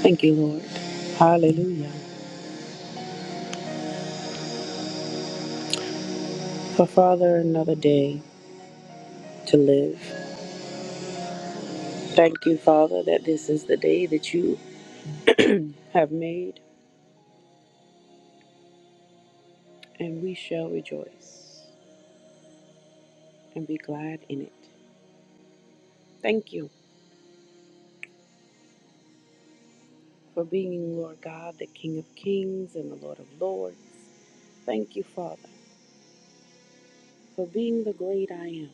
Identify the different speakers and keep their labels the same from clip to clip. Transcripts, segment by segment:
Speaker 1: Thank you, Lord. Hallelujah. For Father, another day to live. Thank you, Father, that this is the day that you have made, and we shall rejoice and be glad in it. Thank you for being, Lord God, the King of kings and the Lord of lords. Thank you, Father, for being the great I am.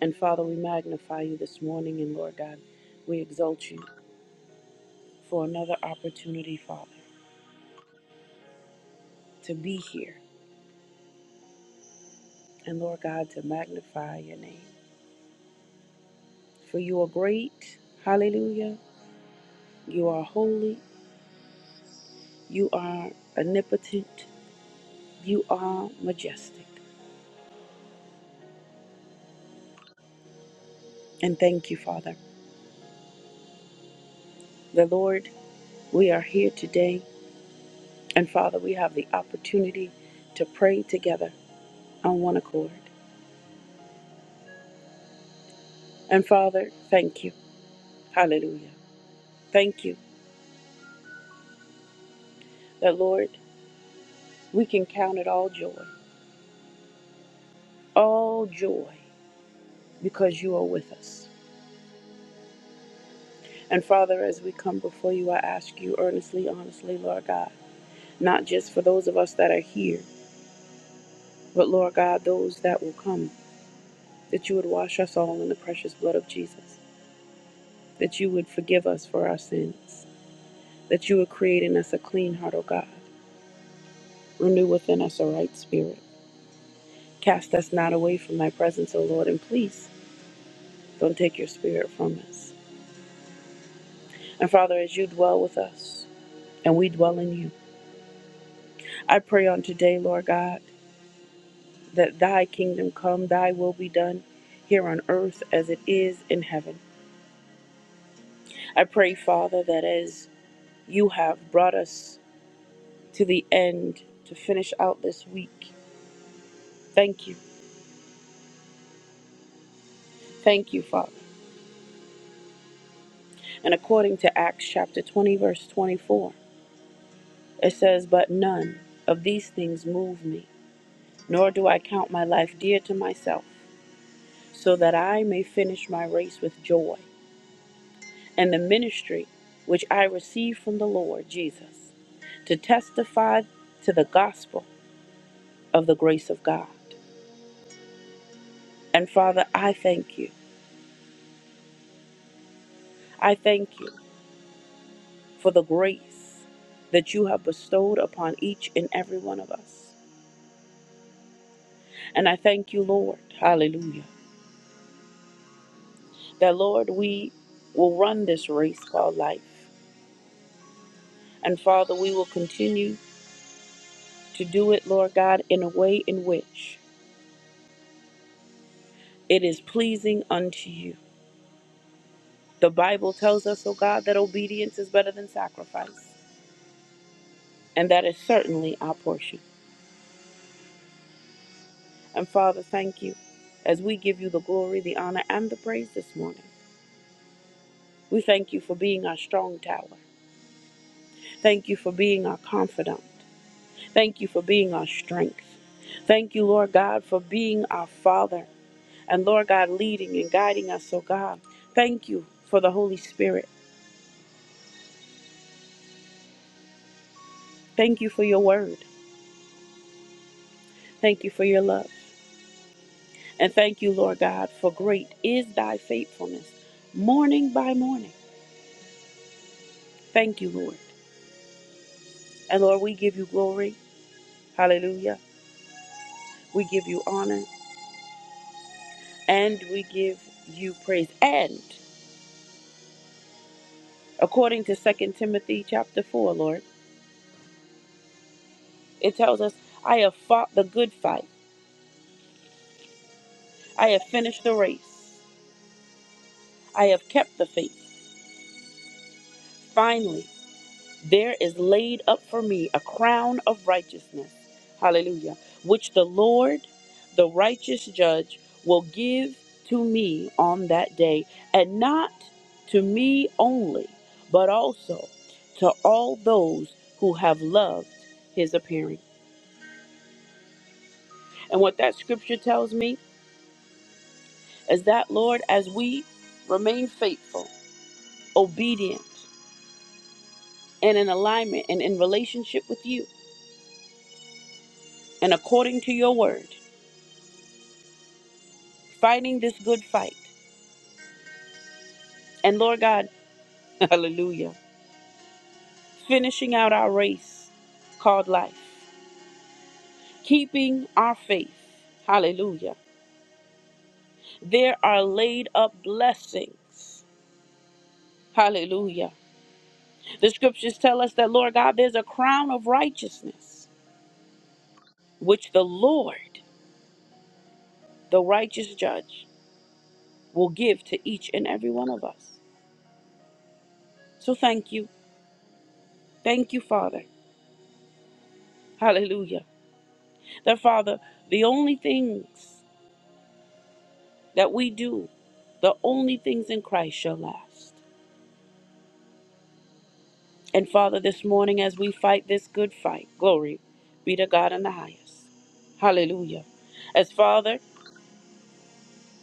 Speaker 1: And Father, we magnify you this morning, and Lord God, we exalt you for another opportunity, Father, to be here, and Lord God, to magnify your name. For you are great. Hallelujah. You are holy. You are omnipotent. You are majestic. And thank you, Father. The Lord, we are here today. And Father, we have the opportunity to pray together on one accord. And Father, thank you. Hallelujah. Thank you that, Lord, we can count it all joy, all joy, because you are with us. And Father, as we come before you, I ask you earnestly, honestly, Lord God. not just for those of us that are here, but Lord God, those that will come, that you would wash us all in the precious blood of Jesus, that you would forgive us for our sins, that you would create in us a clean heart, O God, renew within us a right spirit. Cast us not away from thy presence, O Lord, and please don't take your spirit from us. And Father, as you dwell with us and we dwell in you, I pray on today, Lord God, that thy kingdom come, thy will be done here on earth as it is in heaven. I pray, Father, that as you have brought us to the end to finish out this week, thank you. Thank you, Father. And according to Acts chapter 20, verse 24, it says, But none of these things move me, nor do I count my life dear to myself, so that I may finish my race with joy and the ministry which I receive from the Lord Jesus to testify to the gospel of the grace of God. And Father, I thank you. I thank you for the grace that you have bestowed upon each and every one of us. And I thank you, Lord, hallelujah, that, Lord, we will run this race called life. And Father, we will continue to do it, Lord God, in a way in which it is pleasing unto you. The Bible tells us, oh God, that obedience is better than sacrifice, and that is certainly our portion. And Father, thank you as we give you the glory, the honor, and the praise this morning. We thank you for being our strong tower. Thank you for being our confidant. Thank you for being our strength. Thank you, Lord God, for being our Father and Lord God leading and guiding us, oh God. Thank you for the Holy Spirit. Thank you for your word. Thank you for your love. And thank you, Lord God, for great is thy faithfulness morning by morning. Thank you, Lord. And Lord, we give you glory. Hallelujah. We give you honor and we give you praise. And according to Second Timothy chapter 4, Lord. It tells us, I have fought the good fight. I have finished the race. I have kept the faith. Finally, there is laid up for me a crown of righteousness. Hallelujah. Which the Lord, the righteous judge, will give to me on that day, and not to me only, but also to all those who have loved his appearing. And what that scripture tells me is that, Lord, as we remain faithful, obedient, and in alignment and in relationship with you, and according to your word, fighting this good fight. And Lord God, hallelujah, finishing out our race called life, keeping our faith, hallelujah. There are laid up blessings, hallelujah. The scriptures tell us that, Lord God, there's a crown of righteousness, which the Lord, the righteous judge, will give to each and every one of us. So thank you. Thank you, Father. Hallelujah. That, Father, the only things that we do, the only things in Christ shall last. And, Father, this morning as we fight this good fight, glory be to God in the highest. Hallelujah. As, Father,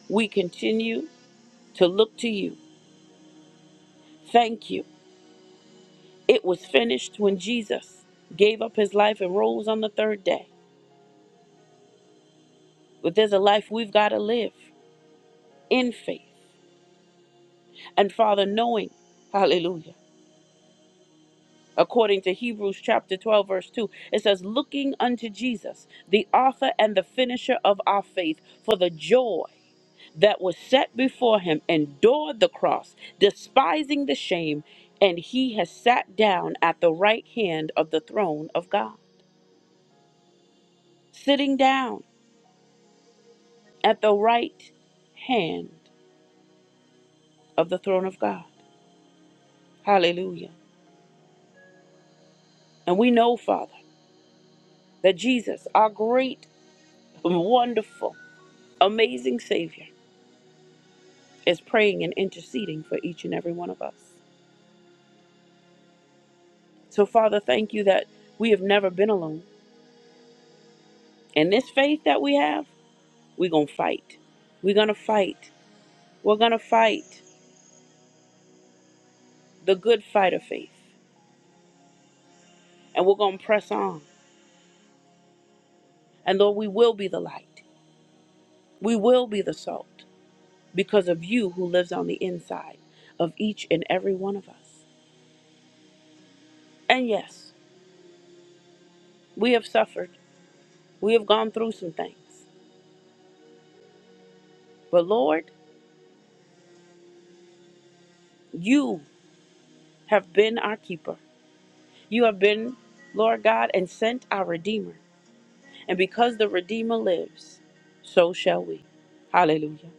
Speaker 1: we continue to look to you. Thank you. It was finished when Jesus gave up his life and rose on the third day. But there's a life we've got to live in faith and Father, knowing, hallelujah, according to Hebrews chapter 12, verse 2, it says, looking unto Jesus, the author and the finisher of our faith, for the joy that was set before him, endured the cross, despising the shame, and he has sat down at the right hand of the throne of God. Sitting down at the right hand of the throne of God. Hallelujah. And we know, Father, that Jesus, our great, wonderful, amazing Savior is praying and interceding for each and every one of us. So, Father, thank you that we have never been alone. And this faith that we have, we're going to fight. We're going to fight. We're going to fight the good fight of faith. And we're going to press on. And Lord, we will be the light. We will be the salt because of you who lives on the inside of each and every one of us. And yes, we have suffered. We have gone through some things. But Lord, you have been our keeper. You have been, Lord God, and sent our Redeemer. And because the Redeemer lives, so shall we. Hallelujah.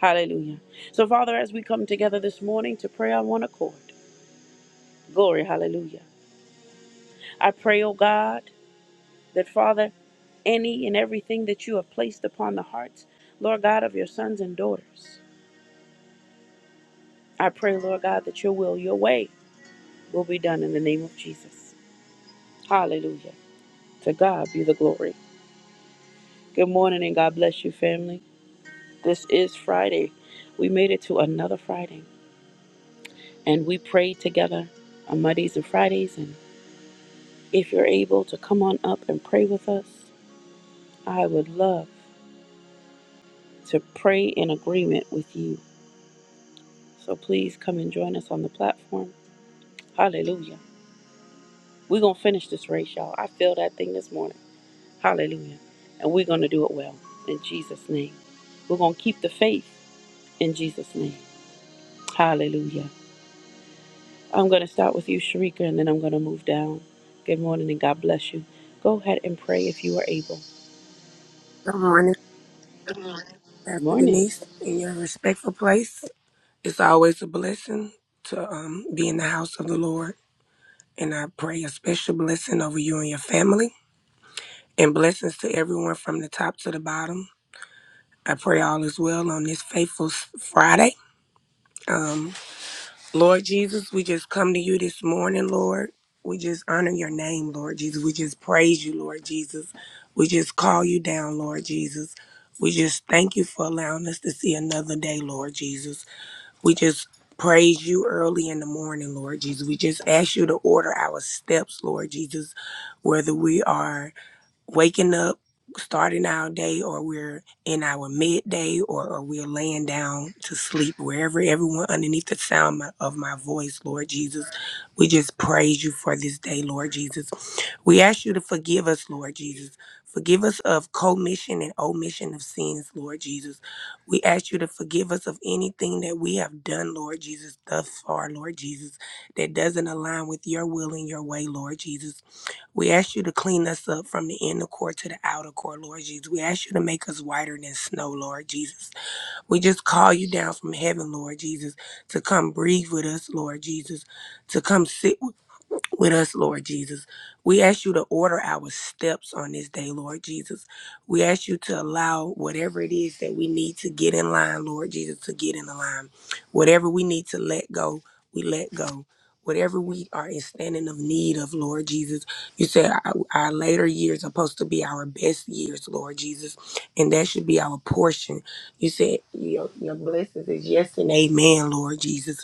Speaker 1: Hallelujah. So, Father, as we come together this morning to pray on one accord, glory, hallelujah. I pray, O God, that, Father, any and everything that you have placed upon the hearts, Lord God, of your sons and daughters, I pray, Lord God, that your will, your way will be done in the name of Jesus. Hallelujah. To God be the glory. Good morning and God bless you, family. This is Friday. We made it to another Friday and we prayed together on Mondays and Fridays. And if you're able to come on up and pray with us, I would love to pray in agreement with you. So please come and join us on the platform. Hallelujah. We're going to finish this race, y'all. I feel that thing this morning. Hallelujah. And we're going to do it well in Jesus' name. We're going to keep the faith in Jesus' name. Hallelujah. I'm going to start with you, Sharika, and then I'm going to move down. Good morning and God bless you. Go ahead and pray if you are able.
Speaker 2: Good morning,
Speaker 1: Good
Speaker 2: Pastor
Speaker 1: morning.
Speaker 2: Denise, in your respectful place. It's always a blessing to um, be in the house of the Lord. And I pray a special blessing over you and your family and blessings to everyone from the top to the bottom. I pray all is well on this faithful s- Friday. Um, Lord Jesus, we just come to you this morning, Lord. We just honor your name, Lord Jesus. We just praise you, Lord Jesus. We just call you down, Lord Jesus. We just thank you for allowing us to see another day, Lord Jesus. We just praise you early in the morning, Lord Jesus. We just ask you to order our steps, Lord Jesus, whether we are waking up, starting our day, or we're in our midday, or, or we're laying down to sleep, wherever everyone underneath the sound my- of my voice, Lord Jesus, we just praise you for this day, Lord Jesus. We ask you to forgive us, Lord Jesus. Forgive us of commission and omission of sins, Lord Jesus. We ask you to forgive us of anything that we have done, Lord Jesus, thus far, Lord Jesus, that doesn't align with your will and your way, Lord Jesus. We ask you to clean us up from the inner core to the outer core, Lord Jesus. We ask you to make us whiter than snow, Lord Jesus. We just call you down from heaven, Lord Jesus, to come breathe with us, Lord Jesus, to come sit with us, Lord Jesus. We ask you to order our steps on this day, Lord Jesus. We ask you to allow whatever it is that we need to get in line, Lord Jesus, to get in the line. Whatever we need to let go, we let go. Whatever we are in standing of need of, Lord Jesus, you said our our later years are supposed to be our best years, Lord Jesus, and that should be our portion. You said your, your blessings is yes and amen, Lord Jesus.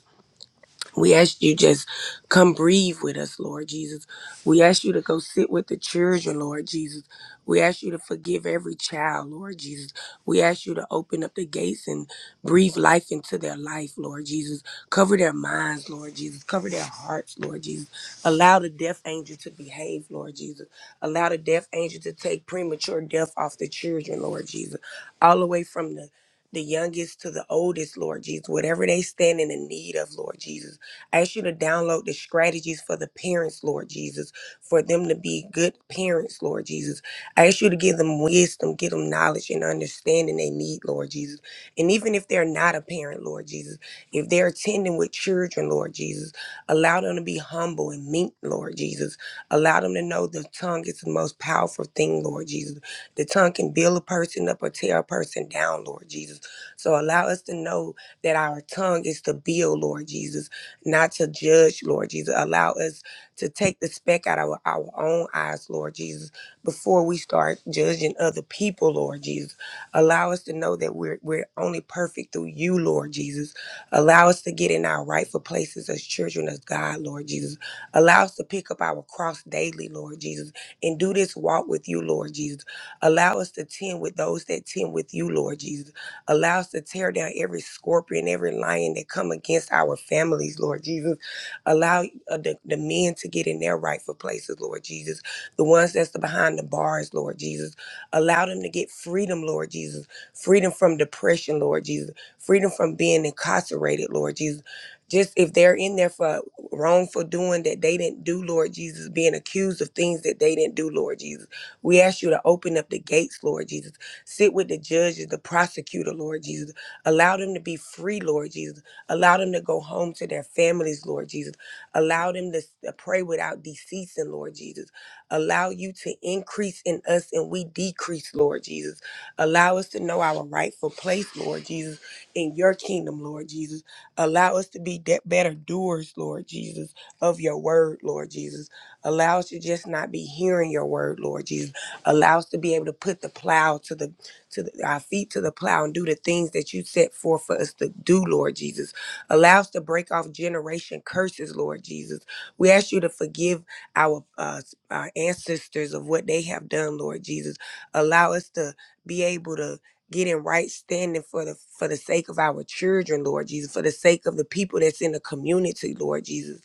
Speaker 2: We ask you just come breathe with us, Lord Jesus. We ask you to go sit with the children, Lord Jesus. We ask you to forgive every child, Lord Jesus. We ask you to open up the gates and breathe life into their life, Lord Jesus. Cover their minds, Lord Jesus. Cover their hearts, Lord Jesus. Allow the death angel to behave, Lord Jesus. Allow the death angel to take premature death off the children, Lord Jesus. All the way from the the youngest to the oldest, Lord Jesus, whatever they stand in the need of, Lord Jesus I ask you to download the strategies for the parents, Lord Jesus, for them to be good parents, Lord Jesus. I ask you to give them wisdom, give them knowledge and understanding they need, Lord Jesus. And even if they're not a parent, Lord Jesus, if they're attending with children, Lord Jesus, allow them to be humble and meek, Lord Jesus. Allow them to know the tongue is the most powerful thing, Lord Jesus. The tongue can build a person up or tear a person down, Lord Jesus. So allow us to know that our tongue is to build, Lord Jesus not to judge, Lord Jesus. Allow us to take the speck out of our, our own eyes, Lord Jesus, before we start judging other people, Lord Jesus. Allow us to know that we're we're only perfect through you, Lord Jesus. Allow us to get in our rightful places as children of God, Lord Jesus. Allow us to pick up our cross daily, Lord Jesus, and do this walk with you, Lord Jesus. Allow us to tend with those that tend with you, Lord Jesus. Allow us to tear down every scorpion, every lion that come against our families, Lord Jesus. Allow uh, the, the men to get in their rightful places, Lord Jesus. The ones that's behind the bars, Lord Jesus. Allow them to get freedom, Lord Jesus. Freedom from depression, Lord Jesus. Freedom from being incarcerated, Lord Jesus. Just if they're in there for wrongful doing that they didn't do, Lord Jesus, being accused of things that they didn't do, Lord Jesus. We ask you to open up the gates, Lord Jesus Sit with the judges, the prosecutor, Lord Jesus. Allow them to be free, Lord Jesus. Allow them to go home to their families, Lord Jesus. Allow them to s- to pray without deceasing, Lord Jesus. Allow you to increase in us and we decrease, Lord Jesus. Allow us to know our rightful place, Lord Jesus, in your kingdom, Lord Jesus. Allow us to be de- better doers, Lord Jesus, of your word, Lord Jesus. Allow us to just not be hearing your word, Lord Jesus. Allow us to be able to put the plow to the to the, our feet to the plow and do the things that you set forth for us to do, Lord Jesus. Allow us to break off generation curses, Lord Jesus. We ask you to forgive our, uh, our ancestors of what they have done, Lord Jesus. Allow us to be able to get in right standing for the for the sake of our children, Lord Jesus, for the sake of the people that's in the community, Lord Jesus.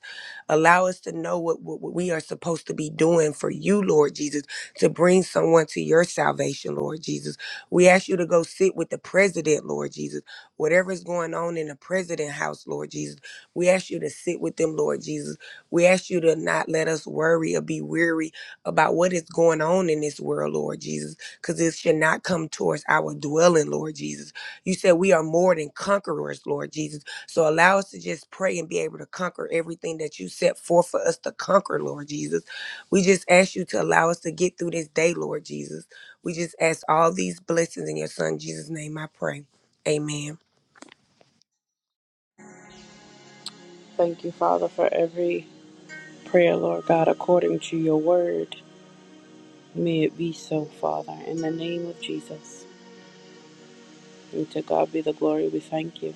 Speaker 2: Allow us to know what, what what we are supposed to be doing for you, Lord Jesus, to bring someone to your salvation, Lord Jesus. We ask you to go sit with the president, Lord Jesus. Whatever is going on in the president house, Lord Jesus, we ask you to sit with them, Lord Jesus. We ask you to not let us worry or be weary about what is going on in this world, Lord Jesus, because it should not come towards our dwelling, Lord Jesus. You said we are more than conquerors, Lord Jesus. So allow us to just pray and be able to conquer everything that you set forth for us to conquer, Lord Jesus. We just ask you to allow us to get through this day, Lord Jesus. We just ask all these blessings in your son Jesus' name. I pray. Amen.
Speaker 1: Thank you, Father, for every prayer, Lord God, according to your word. May it be so, Father, in the name of Jesus. And to God be the glory. We thank you.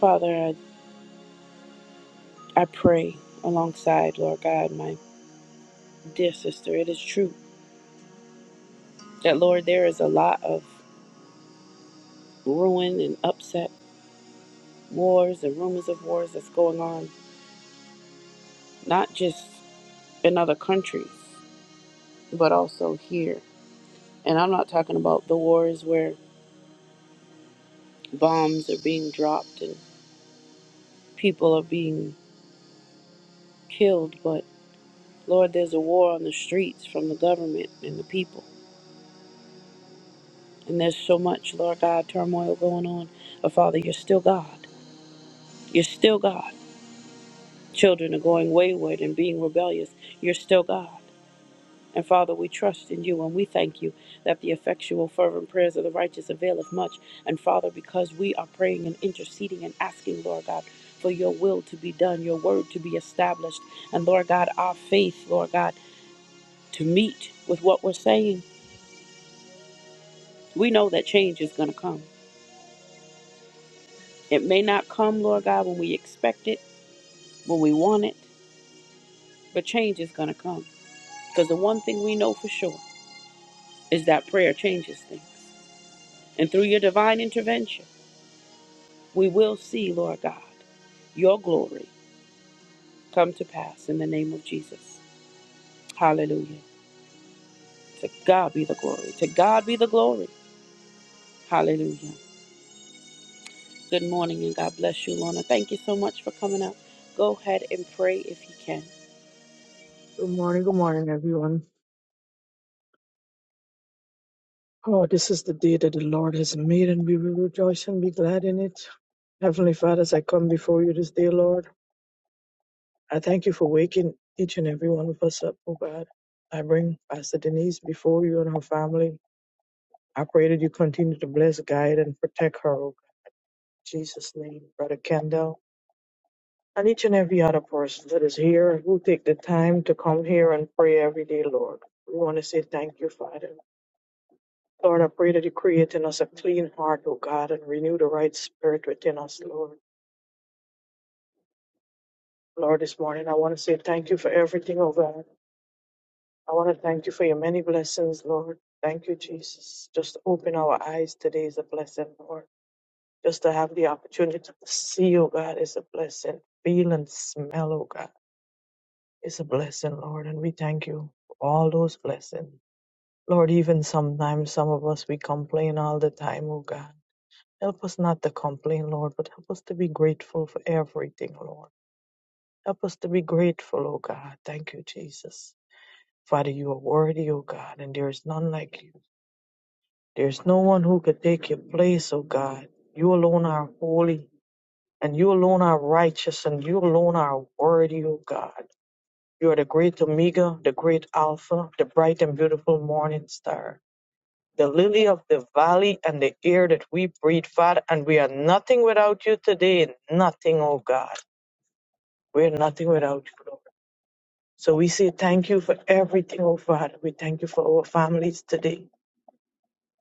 Speaker 1: Father, I, I pray alongside, Lord God, my dear sister. It is true that, Lord, there is a lot of ruin and upset, wars and rumors of wars that's going on, not just in other countries, but also here. And I'm not talking about the wars where bombs are being dropped and people are being killed, but Lord, there's a war on the streets from the government and the people. And there's so much, Lord God, turmoil going on. But Father, you're still God. You're still God. Children are going wayward and being rebellious. You're still God. And Father, we trust in you and we thank you that the effectual, fervent prayers of the righteous availeth much. And Father, because we are praying and interceding and asking, Lord God, for your will to be done, your word to be established, and Lord God, our faith, Lord God, to meet with what we're saying, we know that change is going to come. It may not come, Lord God, when we expect it, when we want it, but change is going to come. Because the one thing we know for sure is that prayer changes things. And through your divine intervention, We will see, Lord God, your glory come to pass in the name of Jesus. Hallelujah. To God be the glory. To God be the glory. Hallelujah. Good morning and God bless you, Lorna. Thank you so much for coming out. Go ahead and pray if you can.
Speaker 3: Good morning, good morning, everyone. Oh, this is the day that the Lord has made, and we will rejoice and be glad in it. Heavenly Father, as I come before you this day, Lord, I thank you for waking each and every one of us up, oh God. I bring Pastor Denise before you and her family. I pray that you continue to bless, guide, and protect her, oh God. In Jesus' name, Brother Kendall, and each and every other person that is here who take the time to come here and pray every day, Lord. We want to say thank you, Father. Lord, I pray that you create in us a clean heart, O God, and renew the right spirit within us, Lord. Lord, this morning I want to say thank you for everything, O God. I want to thank you for your many blessings, Lord. Thank you, Jesus. Just open our eyes today is a blessing, Lord. Just to have the opportunity to see, O God, is a blessing. Feel and smell, O God, is a blessing, Lord. And we thank you for all those blessings. Lord, even sometimes some of us we complain all the time, O God. Help us not to complain, Lord, but help us to be grateful for everything, Lord. Help us to be grateful, O God. Thank you, Jesus. Father, you are worthy, O God, and there is none like you. There is no one who could take your place, O God. You alone are holy, and you alone are righteous, and you alone are worthy, O God. You are the great Omega, the great Alpha, the bright and beautiful morning star. the lily of the valley and the air that we breathe, Father. And we are nothing without you today. Nothing, oh God. We're nothing without you, Lord. So we say thank you for everything, oh Father. We thank you for our families today.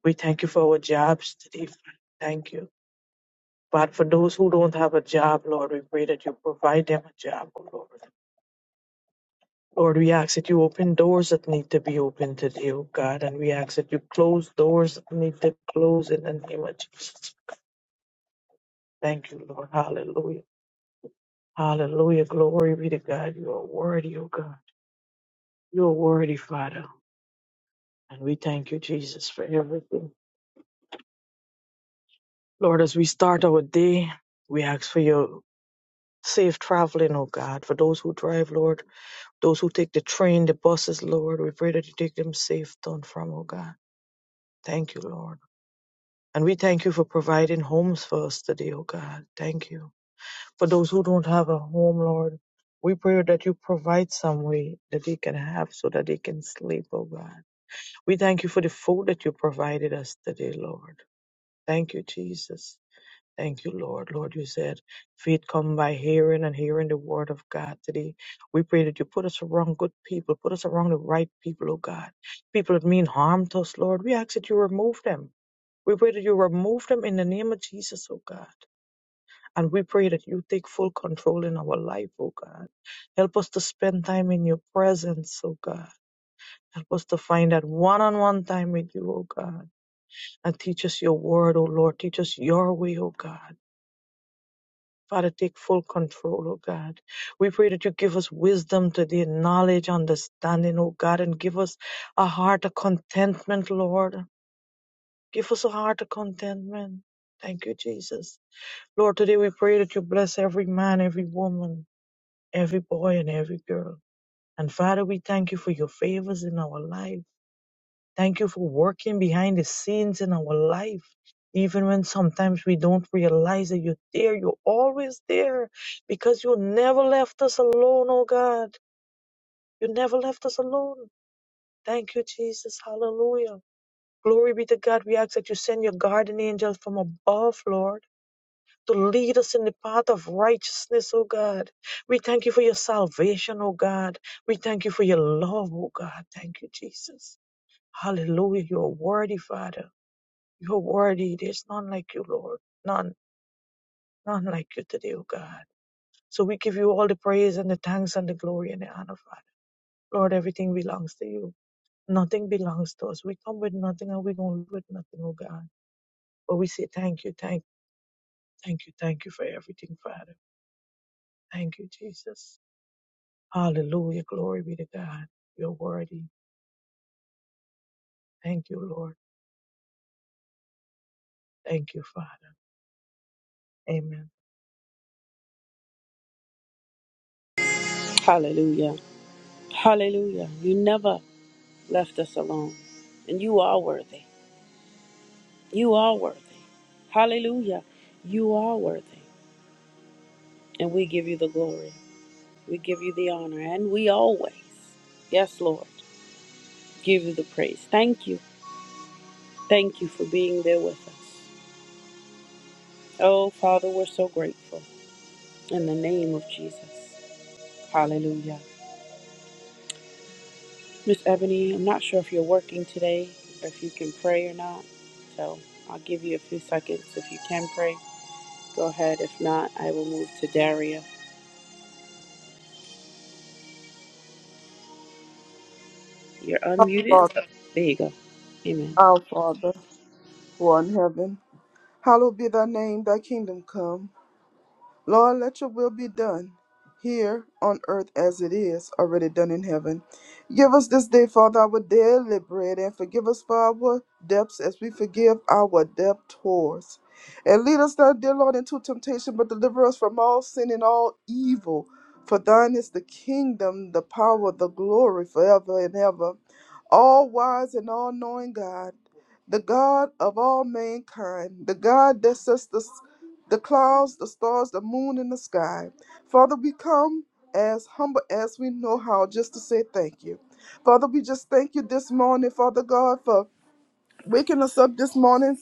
Speaker 3: We thank you for our jobs today. Father. Thank you. But for those who don't have a job, Lord, we pray that you provide them a job, oh Lord. Lord, we ask that you open doors that need to be opened today, oh God, and we ask that you close doors that need to close in the name of Jesus. Thank you, Lord. Hallelujah. Hallelujah. Glory be to God. You are worthy, O God. You are worthy, Father. And we thank you, Jesus, for everything. Lord, as we start our day, we ask for your safe traveling, O God. For those who drive, Lord, those who take the train, the buses, Lord, we pray that you take them safe to and from, O God. Thank you, Lord. And we thank you for providing homes for us today, O God. Thank you. For those who don't have a home, Lord, we pray that you provide some way that they can have so that they can sleep, O God. We thank you for the food that you provided us today, Lord. Thank you, Jesus. Thank you, Lord. Lord, you said faith come by hearing and hearing the word of God today. We pray that you put us around good people, put us around the right people, oh God. People that mean harm to us, Lord. We ask that you remove them. We pray that you remove them in the name of Jesus, oh God. And we pray that you take full control in our life, oh God. Help us to spend time in your presence, oh God. Help us to find that one on one time with you, oh God and teach us your word, O Lord. Teach us your way, O God. Father, take full control, O God. We pray that you give us wisdom today, knowledge, understanding, O God, and give us a heart of contentment, Lord. Give us a heart of contentment. Thank you, Jesus. Lord, today we pray that you bless every man, every woman, every boy, and every girl. And Father, we thank you for your favors in our life. Thank you for working behind the scenes in our life. Even when sometimes we don't realize that you're there, you're always there because you never left us alone, oh God. You never left us alone. Thank you, Jesus. Hallelujah. Glory be to God. We ask that you send your guardian angels from above, Lord, to lead us in the path of righteousness, oh God. We thank you for your salvation, oh God. We thank you for your love, oh God. Thank you, Jesus. Hallelujah. You are worthy, Father. You're worthy. There's none like you, Lord. None, none like you today, O God. So we give you all the praise and the thanks and the glory and the honor, Father. Lord, everything belongs to you. Nothing belongs to us. We come with nothing and we don't leave with nothing, O God. But we say thank you, thank, thank you, thank you for everything, Father. Thank you, Jesus. Hallelujah. Glory be to God. You're worthy. Thank you, Lord. Thank you, Father. Amen.
Speaker 1: Hallelujah. Hallelujah. You never left us alone. And you are worthy. You are worthy. Hallelujah. You are worthy. And we give you the glory. We give you the honor. And we always, yes, Lord. give you the praise. Thank you. Thank you for being there with us. Oh, Father, we're so grateful. In the name of Jesus. Hallelujah. Miss Ebony, I'm not sure if you're working today or if you can pray or not. So I'll give you a few seconds. If you can pray, go ahead. If not, I will move to Daria. You're unmuted.
Speaker 4: Father,
Speaker 1: Oh, There you go. Amen.
Speaker 4: our Father, who art in heaven, hallowed be thy name, thy kingdom come. Lord, let your will be done here on earth as it is already done in heaven. Give us this day, Father, our daily bread, and forgive us for our debts as we forgive our debtors. And lead us not, dear Lord, into temptation, but deliver us from all sin and all evil. For thine is the kingdom, the power, the glory, forever and ever. all wise and all knowing God, the God of all mankind, the God that sets the, the clouds, the stars, the moon, and the sky. Father, we come as humble as we know how just to say thank you. Father, we just thank you this morning, Father God, for waking us up this morning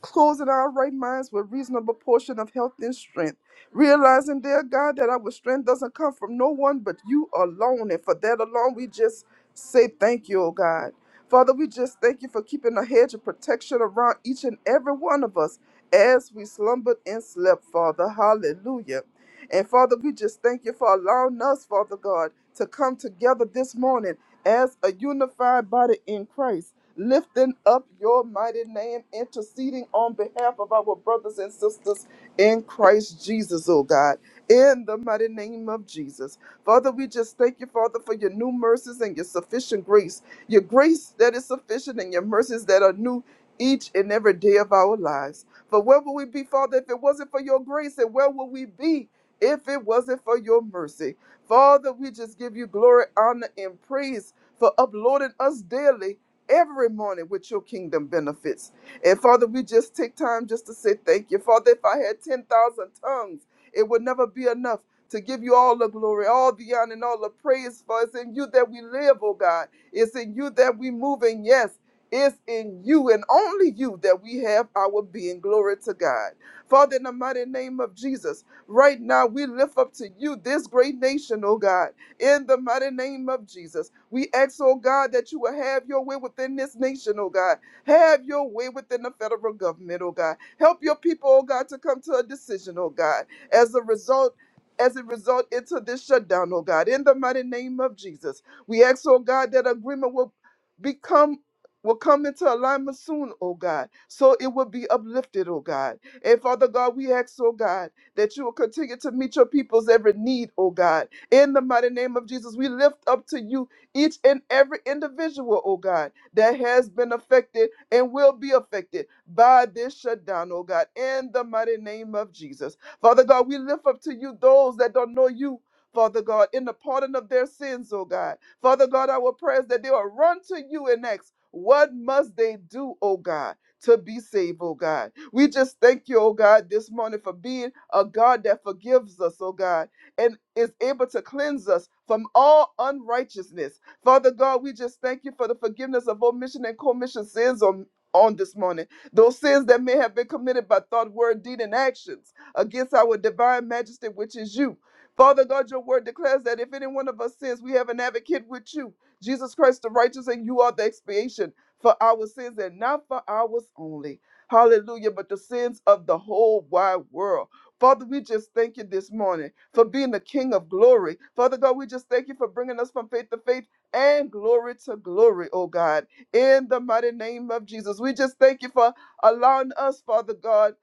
Speaker 4: closing our right minds with reasonable portion of health and strength, realizing, dear God, that our strength doesn't come from no one but you alone. And for that alone, we just say thank you, oh God. Father, we just thank you for keeping a hedge of protection around each and every one of us as we slumbered and slept, Father. Hallelujah. And Father, we just thank you for allowing us, Father God, to come together this morning as a unified body in Christ lifting up your mighty name, interceding on behalf of our brothers and sisters in Christ Jesus, oh God, in the mighty name of Jesus. Father, we just thank you, Father, for your new mercies and your sufficient grace, your grace that is sufficient and your mercies that are new each and every day of our lives. For where would we be, Father, if it wasn't for your grace? And where would we be if it wasn't for your mercy? Father, we just give you glory, honor, and praise for uploading us daily every morning with your kingdom benefits. And Father, we just take time just to say thank you. Father, if I had 10,000 tongues, it would never be enough to give you all the glory, all the honor, and all the praise. For it's in you that we live, oh God. It's in you that we move. And yes, it's in you and only you that we have our being. Glory to God. Father, in the mighty name of Jesus, right now we lift up to you this great nation, oh God in the mighty name of Jesus. We ask, oh God, that you will have your way within this nation, oh God. Have your way within the federal government, oh God. Help your people, oh God, to come to a decision, oh God. As a result, as a result into this shutdown, oh God, in the mighty name of Jesus. We ask, oh God, that agreement will become will come into alignment soon, oh God, so it will be uplifted, oh God. And Father God, we ask, oh God, that you will continue to meet your people's every need, oh God in the mighty name of Jesus, we lift up to you each and every individual, oh God, that has been affected and will be affected by this shutdown, oh God, in the mighty name of Jesus. Father God, we lift up to you those that don't know you. Father God, in the pardon of their sins, oh God. Father God, our prayers that they will run to you and ask, What must they do, oh God, to be saved, oh God? We just thank you, oh God, this morning for being a God that forgives us, oh God and is able to cleanse us from all unrighteousness. Father God, we just thank you for the forgiveness of omission and commission sins on, on this morning. Those sins that may have been committed by thought, word, deed, and actions against our divine majesty, which is you. Father God, your word declares that if any one of us sins, we have an advocate with you, Jesus Christ the righteous, and you are the expiation for our sins and not for ours only. Hallelujah, but the sins of the whole wide world. Father, we just thank you this morning for being the King of glory. Father God, we just thank you for bringing us from faith to faith and glory to glory, oh God, in the mighty name of Jesus. We just thank you for allowing us, Father God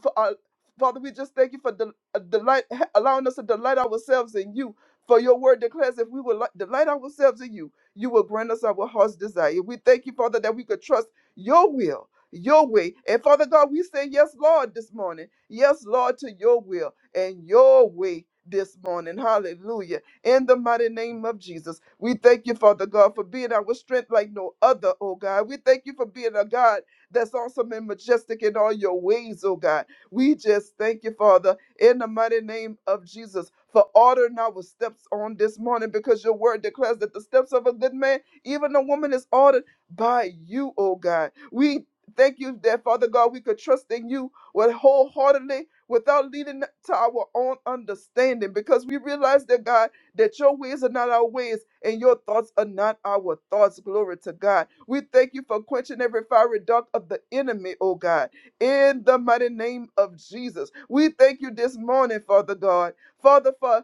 Speaker 4: for our, Father, we just thank you for the uh, delight, allowing us to delight ourselves in you. For your word declares, if we will li- delight ourselves in you, you will grant us our heart's desire. We thank you, Father, that we could trust your will, your way. And Father God, we say yes, Lord, this morning. Yes, Lord, to your will and your way this morning. Hallelujah. In the mighty name of Jesus, we thank you, Father God, for being our strength like no other, oh God. We thank you for being a God that's awesome and majestic in all your ways, oh God. We just thank you, Father, in the mighty name of Jesus, for ordering our steps on this morning because your word declares that the steps of a good man, even a woman, is ordered by you, oh God. We thank you that, Father God, we could trust in you with wholeheartedly without leading to our own understanding because we realize that, God, that your ways are not our ways and your thoughts are not our thoughts. Glory to God. We thank you for quenching every fiery dart of the enemy, oh God in the mighty name of Jesus. We thank you this morning, Father God. Father, for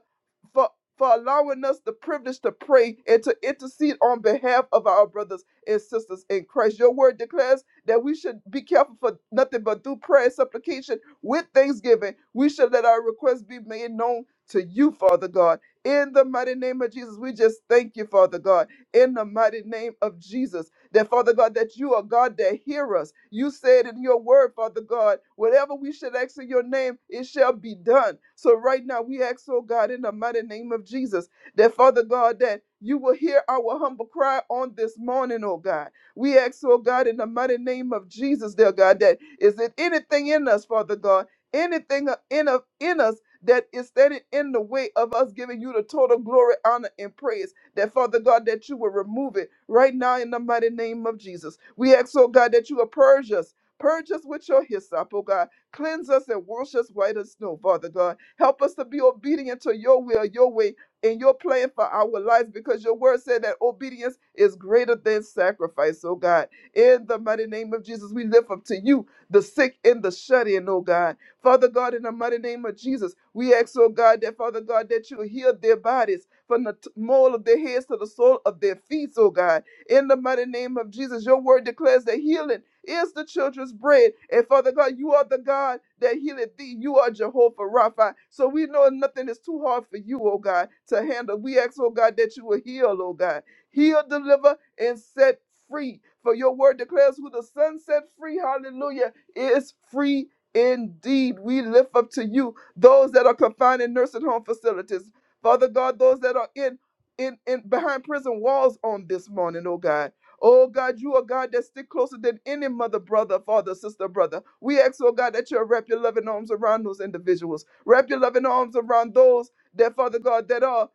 Speaker 4: for for allowing us the privilege to pray and to intercede on behalf of our brothers and sisters in Christ. Your word declares that we should be careful for nothing but through prayer and supplication with thanksgiving. We should let our requests be made known to you, Father God. In the mighty name of Jesus, we just thank you, Father God. In the mighty name of Jesus. That, Father God, that you are God that hear us. You said in your word, Father God, whatever we should ask in your name, it shall be done. So right now we ask, oh God, in the mighty name of Jesus, that, Father God, that you will hear our humble cry on this morning, oh God. We ask, oh God, in the mighty name of Jesus, dear God, that is it anything in us, Father God, anything in, in us that is standing in the way of us giving you the total glory, honor, and praise that Father God, that you will remove it right now in the mighty name of Jesus. We ask, oh God, that you will purge us. Purge us with your hyssop, oh God. Cleanse us and wash us white as snow, Father God. Help us to be obedient to your will, your way, and your plan for our lives because your word said that obedience is greater than sacrifice, oh God. In the mighty name of Jesus, we lift up to you the sick and the shut in, oh God. Father God, in the mighty name of Jesus, we ask, oh God, that Father God, that you heal their bodies from the t- mole of their heads to the sole of their feet, oh God. In the mighty name of Jesus, your word declares that healing is the children's bread. And Father God, you are the God that healeth thee. You are Jehovah Rapha. So we know nothing is too hard for you, oh God, to handle. We ask, oh God, that you will heal, oh God. Heal, deliver, and set free. For your word declares who the Son set free, hallelujah, is free indeed. We lift up to you those that are confined in nursing home facilities. Father God, those that are in in, in behind prison walls on this morning, oh God. Oh God, you are God that stick closer than any mother, brother, father, sister, brother. We ask, oh God, that you wrap your loving arms around those individuals. Wrap your loving arms around those that, Father God, that are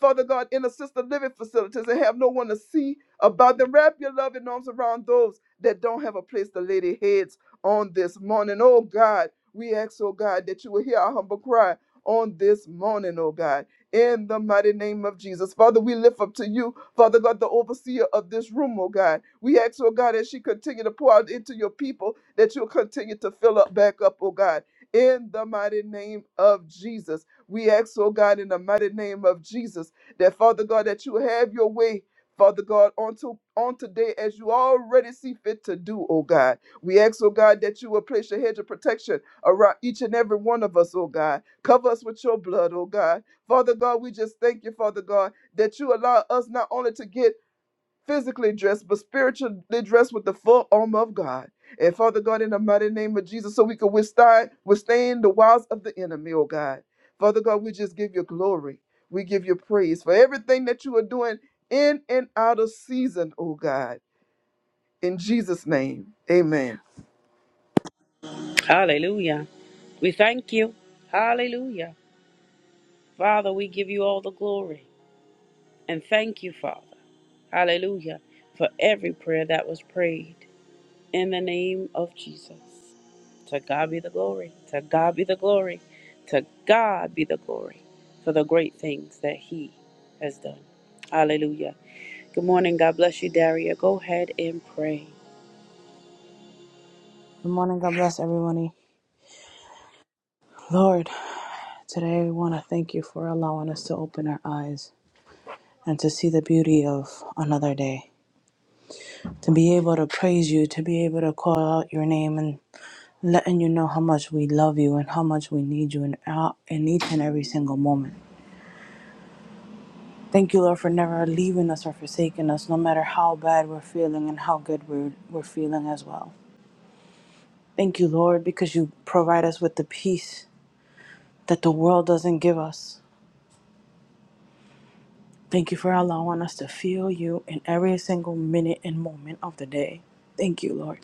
Speaker 4: Father God, in assisted living facilities and have no one to see about them. Wrap your loving arms around those that don't have a place to lay their heads on this morning. Oh God, we ask, oh God, that you will hear our humble cry on this morning, oh God in the mighty name of Jesus. Father, we lift up to you, Father God, the overseer of this room, oh God. We ask, oh God, as she continue to pour out into your people, that you'll continue to fill up back up, oh God. In the mighty name of Jesus. We ask, oh God, in the mighty name of Jesus, that Father God, that you have your way. Father God, on, to, on today, as you already see fit to do, oh God. We ask, oh God, that you will place your hedge of protection around each and every one of us, oh God. Cover us with your blood, oh God. Father God, we just thank you, Father God, that you allow us not only to get physically dressed, but spiritually dressed with the full armor of God. And Father God, in the mighty name of Jesus, so we can withstand, withstand the wiles of the enemy, oh God. Father God, we just give you glory. We give you praise for everything that you are doing in and out of season, oh God. In Jesus' name, amen.
Speaker 1: Hallelujah. We thank you. Hallelujah. Father, we give you all the glory. And thank you, Father. Hallelujah. For every prayer that was prayed in the name of Jesus. To God be the glory. To God be the glory. To God be the glory for the great things that He has done. Hallelujah. Good morning. God bless you, Daria. Go ahead and pray.
Speaker 5: Good morning. God bless everybody. Lord, today we want to thank you for allowing us to open our eyes and to see the beauty of another day. To be able to praise you, to be able to call out your name and letting you know how much we love you and how much we need you in, out- in each and every single moment. Thank you, Lord, for never leaving us or forsaking us, no matter how bad we're feeling and how good we're, we're feeling as well. Thank you, Lord, because you provide us with the peace that the world doesn't give us. Thank you for allowing us to feel you in every single minute and moment of the day. Thank you, Lord.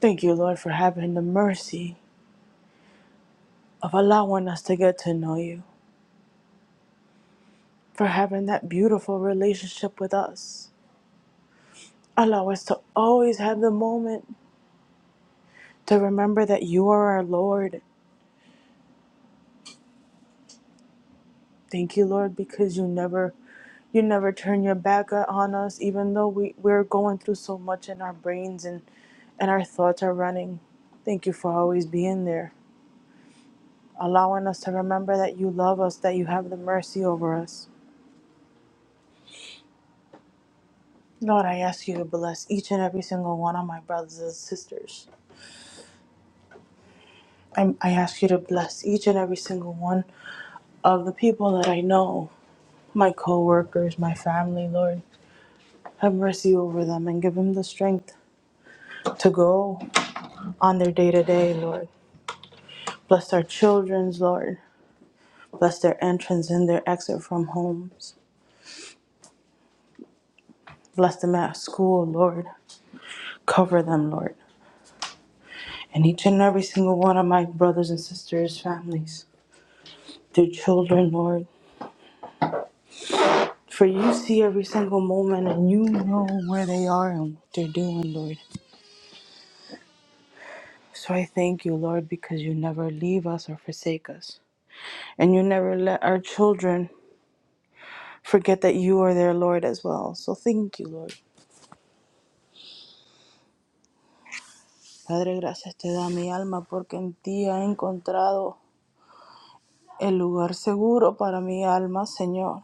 Speaker 5: Thank you, Lord, for having the mercy of allowing us to get to know you, for having that beautiful relationship with us. Allow us to always have the moment to remember that you are our Lord. Thank you, Lord, because you never you never turn your back on us even though we, we're going through so much in our brains and and our thoughts are running. Thank you for always being there. allowing us to remember that you love us, that you have the mercy over us. Lord, I ask you to bless each and every single one of my brothers and sisters. I, I ask you to bless each and every single one of the people that I know, my co workers, my family, Lord. Have mercy over them and give them the strength to go on their day to day, Lord. Bless our children's, Lord. Bless their entrance and their exit from homes. Bless them at school, Lord. Cover them, Lord. and each and every single one of my brothers and sisters' families, their children, Lord. For you see every single moment and you know where they are and what they're doing, Lord. So I thank you, Lord, because you never leave us or forsake us. And you never let our children forget that you are their Lord as well. So thank you, Lord. Padre, gracias te da mi alma porque en ti ha encontrado el lugar seguro para mi alma, Señor.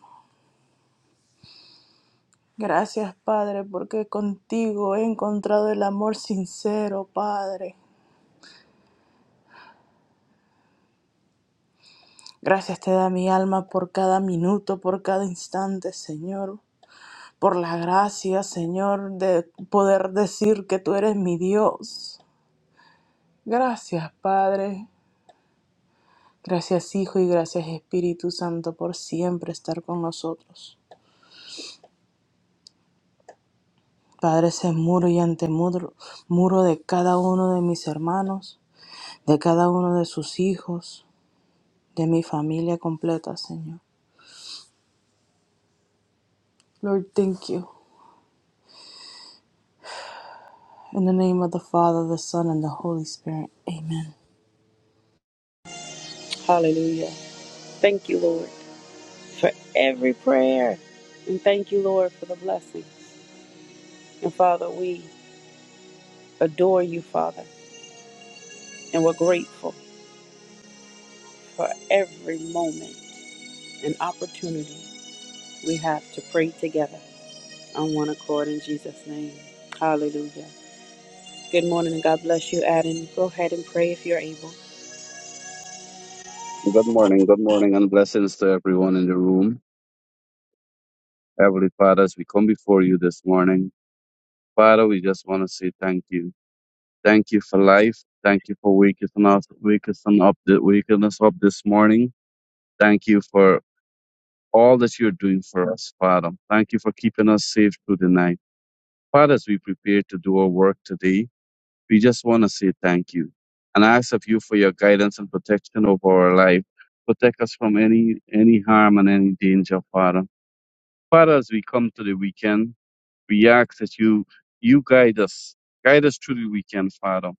Speaker 5: Gracias, Padre, porque contigo he encontrado el amor sincero, Padre. Gracias te da mi alma por cada minuto, por cada instante, Señor. Por la gracia, Señor, de poder decir que tú eres mi Dios. Gracias, Padre. Gracias, Hijo, y gracias, Espíritu Santo, por siempre estar con nosotros. Padre, ese muro y antemuro, muro de cada uno de mis hermanos, de cada uno de sus hijos, de mi familia completa, Señor. Lord, thank you. In the name of the Father, the Son, and the Holy Spirit. Amen.
Speaker 1: Hallelujah. Thank you, Lord, for every prayer. And thank you, Lord, for the blessing. And Father, we adore you, Father, and we're grateful for every moment and opportunity We have to pray together on one accord in Jesus' name. Hallelujah. Good morning and God bless you, Adam. Go ahead and pray if you're able.
Speaker 6: Good morning, good morning, and blessings to everyone in the room. Heavenly Father, as we come before you this morning, Father, we just want to say thank you. Thank you for life. Thank you for waking us, waking us up, waking us up this morning. Thank you for all that you're doing for us, Father. Thank you for keeping us safe through the night. Father, as we prepare to do our work today, we just want to say thank you and ask of you for your guidance and protection over our life. Protect us from any any harm and any danger, Father. Father, as we come to the weekend, we ask that you you guide us, guide us through the weekend, Father.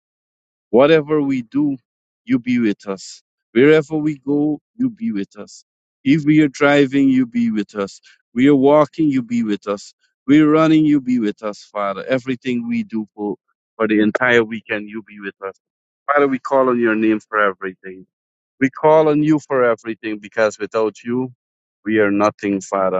Speaker 6: Whatever we do, you be with us. Wherever we go, you be with us. If we are driving, you be with us. We are walking, you be with us. We're running, you be with us, Father. Everything we do for, for the entire weekend, you be with us. Father, we call on your name for everything. We call on you for everything because without you, we are nothing, Father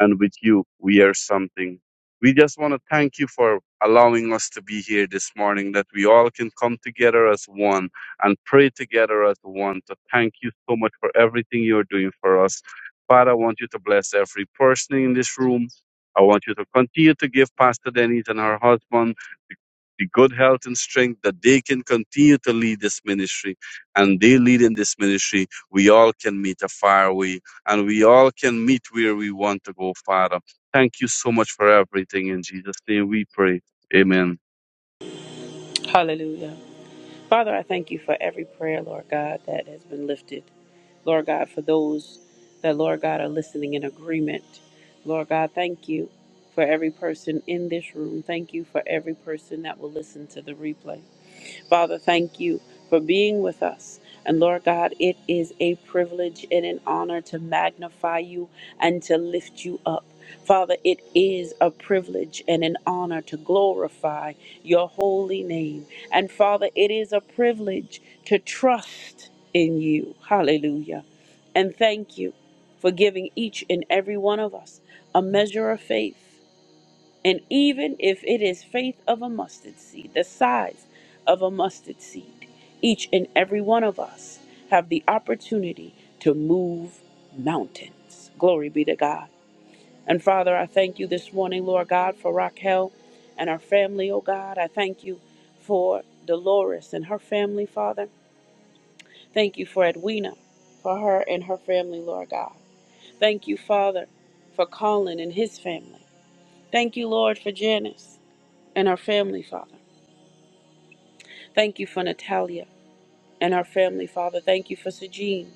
Speaker 6: and with you, we are something. We just want to thank you for allowing us to be here this morning, that we all can come together as one and pray together as one. To thank you so much for everything you're doing for us. Father, I want you to bless every person in this room. I want you to continue to give Pastor Denise and her husband the the good health and strength that they can continue to lead this ministry. And they lead in this ministry, we all can meet a fire. faraway and we all can meet where we want to go, Father. Thank you so much for everything. In Jesus' name we pray. Amen.
Speaker 1: Hallelujah. Father, I thank you for every prayer, Lord God, that has been lifted. Lord God, for those that, Lord God, are listening in agreement. Lord God, thank you for every person in this room. Thank you for every person that will listen to the replay. Father, thank you for being with us. And Lord God, it is a privilege and an honor to magnify you and to lift you up. Father, it is a privilege and an honor to glorify your holy name. And Father, it is a privilege to trust in you. Hallelujah. And thank you for giving each and every one of us a measure of faith and even if it is faith of a mustard seed, the size of a mustard seed, each and every one of us have the opportunity to move mountains. Glory be to God. And Father, I thank you this morning, Lord God, for Raquel and her family, oh God. I thank you for Dolores and her family, Father. Thank you for Edwina, for her and her family, Lord God. Thank you, Father, for Colin and his family. Thank you, Lord, for Janice and our family, Father. Thank you for Natalia and her family, Father. Thank you for Sejean,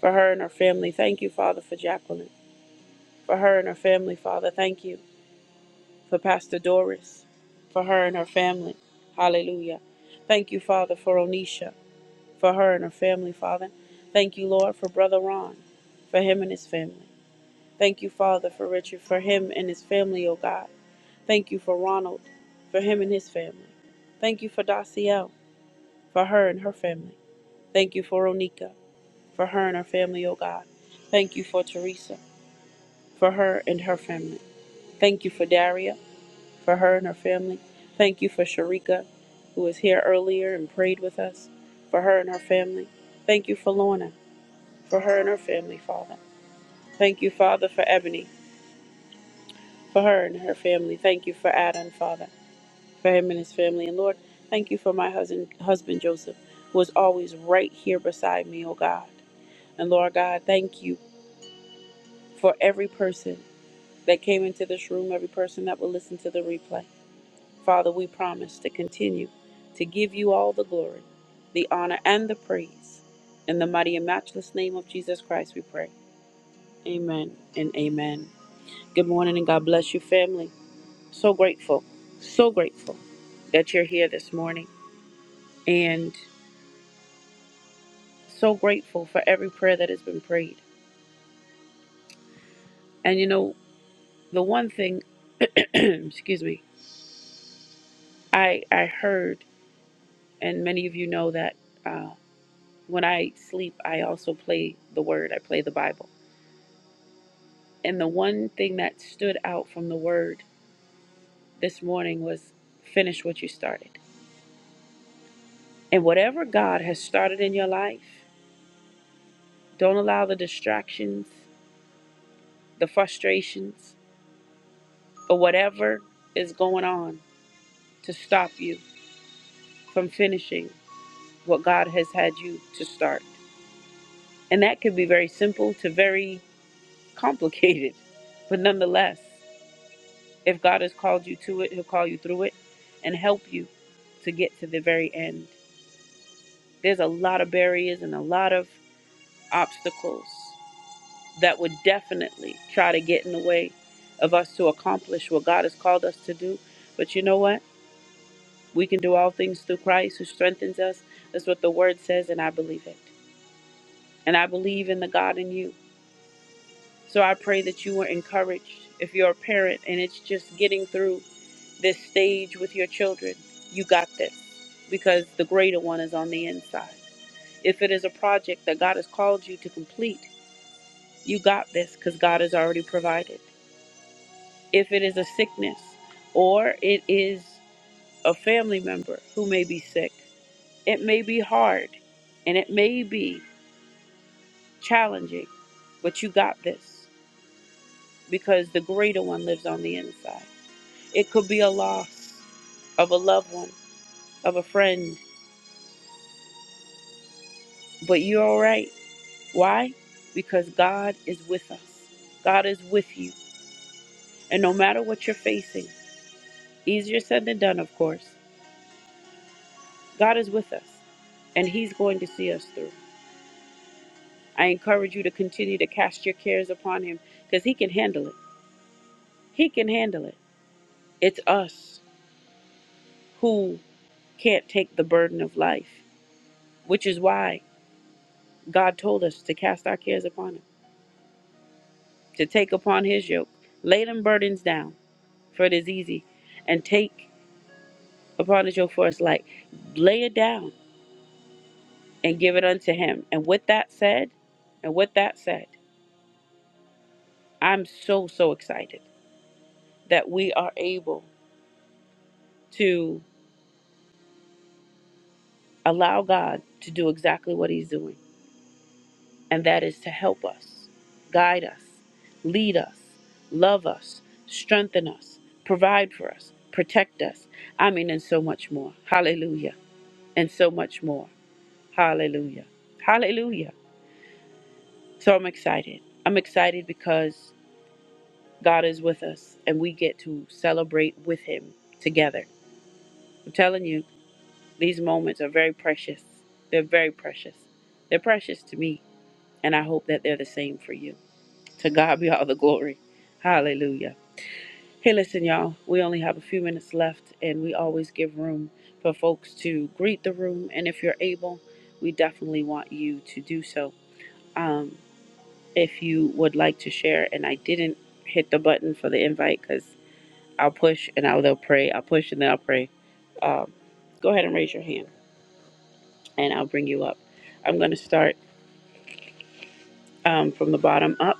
Speaker 1: for her and her family. Thank you, Father, for Jacqueline, for her and her family, Father. Thank you for Pastor Doris, for her and her family. Hallelujah. Thank you, Father, for Onisha, for her and her family, Father. Thank you, Lord, for Brother Ron, for him and his family. Thank you, Father, for Richard, for him and his family, O God. Thank you for Ronald, for him and his family. Thank you for Daciel, for her and her family. Thank you for Onika, for her and her family, O God. Thank you for Teresa, for her and her family. Thank you for Daria, for her and her family. Thank you for Sharika, who was here earlier and prayed with us, for her and her family. Thank you for Lorna, for her and her family, Father. Thank you, Father, for Ebony, for her and her family. Thank you for Adam, Father, for him and his family. And Lord, thank you for my husband, husband Joseph, who is always right here beside me, O God. And Lord God, thank you for every person that came into this room, every person that will listen to the replay. Father, we promise to continue to give you all the glory, the honor, and the praise. In the mighty and matchless name of Jesus Christ, we pray. Amen and amen. Good morning and God bless you, family. So grateful, so grateful that you're here this morning and so grateful for every prayer that has been prayed. And you know, the one thing, excuse me, I, I heard And many of you know that uh, when I sleep, I also play the Word, I play the Bible. And the one thing that stood out from the Word this morning was finish what you started. And whatever God has started in your life, don't allow the distractions, the frustrations, or whatever is going on to stop you from finishing what God has had you to start. And that could be very simple to very complicated, but nonetheless. If God has called you to it, He'll call you through it and help you to get to the very end. There's a lot of barriers and a lot of obstacles that would definitely try to get in the way of us to accomplish what God has called us to do. But you know what? We can do all things through Christ who strengthens us. That's what the word says, and I believe it. And I believe in the God in you. So I pray that you were encouraged. If you're a parent and it's just getting through this stage with your children, you got this because the greater one is on the inside. If it is a project that God has called you to complete, you got this because God has already provided. If it is a sickness or it is a family member who may be sick, it may be hard and it may be challenging, but you got this because the greater one lives on the inside. It could be a loss of a loved one, of a friend, but you're all right Why? Because God is with us. God is with you. And no matter what you're facing, easier said than done, of course, God is with us and He's going to see us through. I encourage you to continue to cast your cares upon Him because He can handle it. He can handle it. It's us who can't take the burden of life, which is why God told us to cast our cares upon Him, to take upon His yoke, lay them burdens down, for it is easy, and take upon the yoke for us, like lay it down and give it unto him. And with that said, and with that said, I'm so, so excited that we are able to allow God to do exactly what he's doing, and that is to help us, guide us, lead us, love us, strengthen us, provide for us, protect us. I mean, and so much more. Hallelujah. And so much more. Hallelujah. Hallelujah. So I'm excited. I'm excited because God is with us and we get to celebrate with Him together. I'm telling you, these moments are very precious. They're very precious. They're precious to me, and I hope that they're the same for you. To God be all the glory. Hallelujah. Hey, listen, y'all, we only have a few minutes left, and we always give room for folks to greet the room. And if you're able, we definitely want you to do so. Um, if you would like to share, and I didn't hit the button for the invite because I'll push and I'll they'll pray. I'll push and then I'll pray. Um, go ahead and raise your hand and I'll bring you up. I'm going to start um, from the bottom up.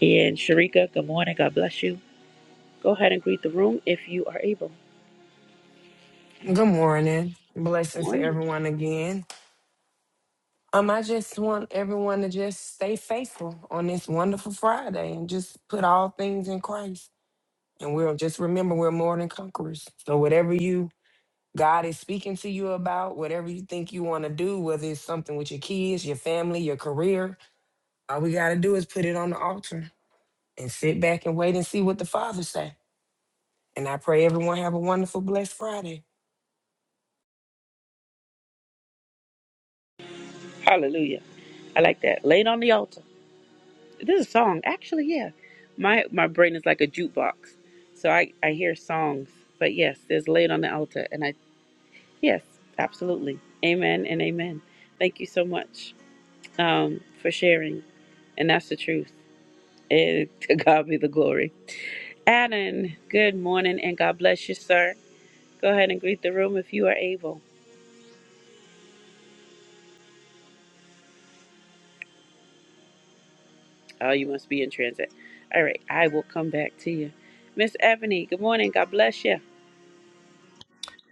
Speaker 1: And Sharika, good morning. God bless you. Go ahead and greet the room if you are able.
Speaker 2: Good morning. Blessings to
Speaker 1: Morning.
Speaker 2: everyone again. Um, I just want everyone to just stay faithful on this wonderful Friday and just put all things in Christ. And we'll just remember we're more than conquerors. So whatever you God is speaking to you about, whatever you think you want to do, whether it's something with your kids, your family, your career, all we gotta do is put it on the altar and sit back and wait and see what the Father say. And I pray everyone have a wonderful, blessed Friday.
Speaker 1: Hallelujah. I like that. Laid on the altar. This is a song. Actually, yeah. My my brain is like a jukebox. So I, I hear songs. But yes, there's laid on the altar. And I, yes, absolutely. Amen and amen. Thank you so much um, for sharing. And that's the truth. And to God be the glory. Adam, good morning and God bless you, sir. Go ahead and greet the room if you are able. Oh, you must be in transit. All right, I will come back to you. Miss Ebony, good morning. God bless you.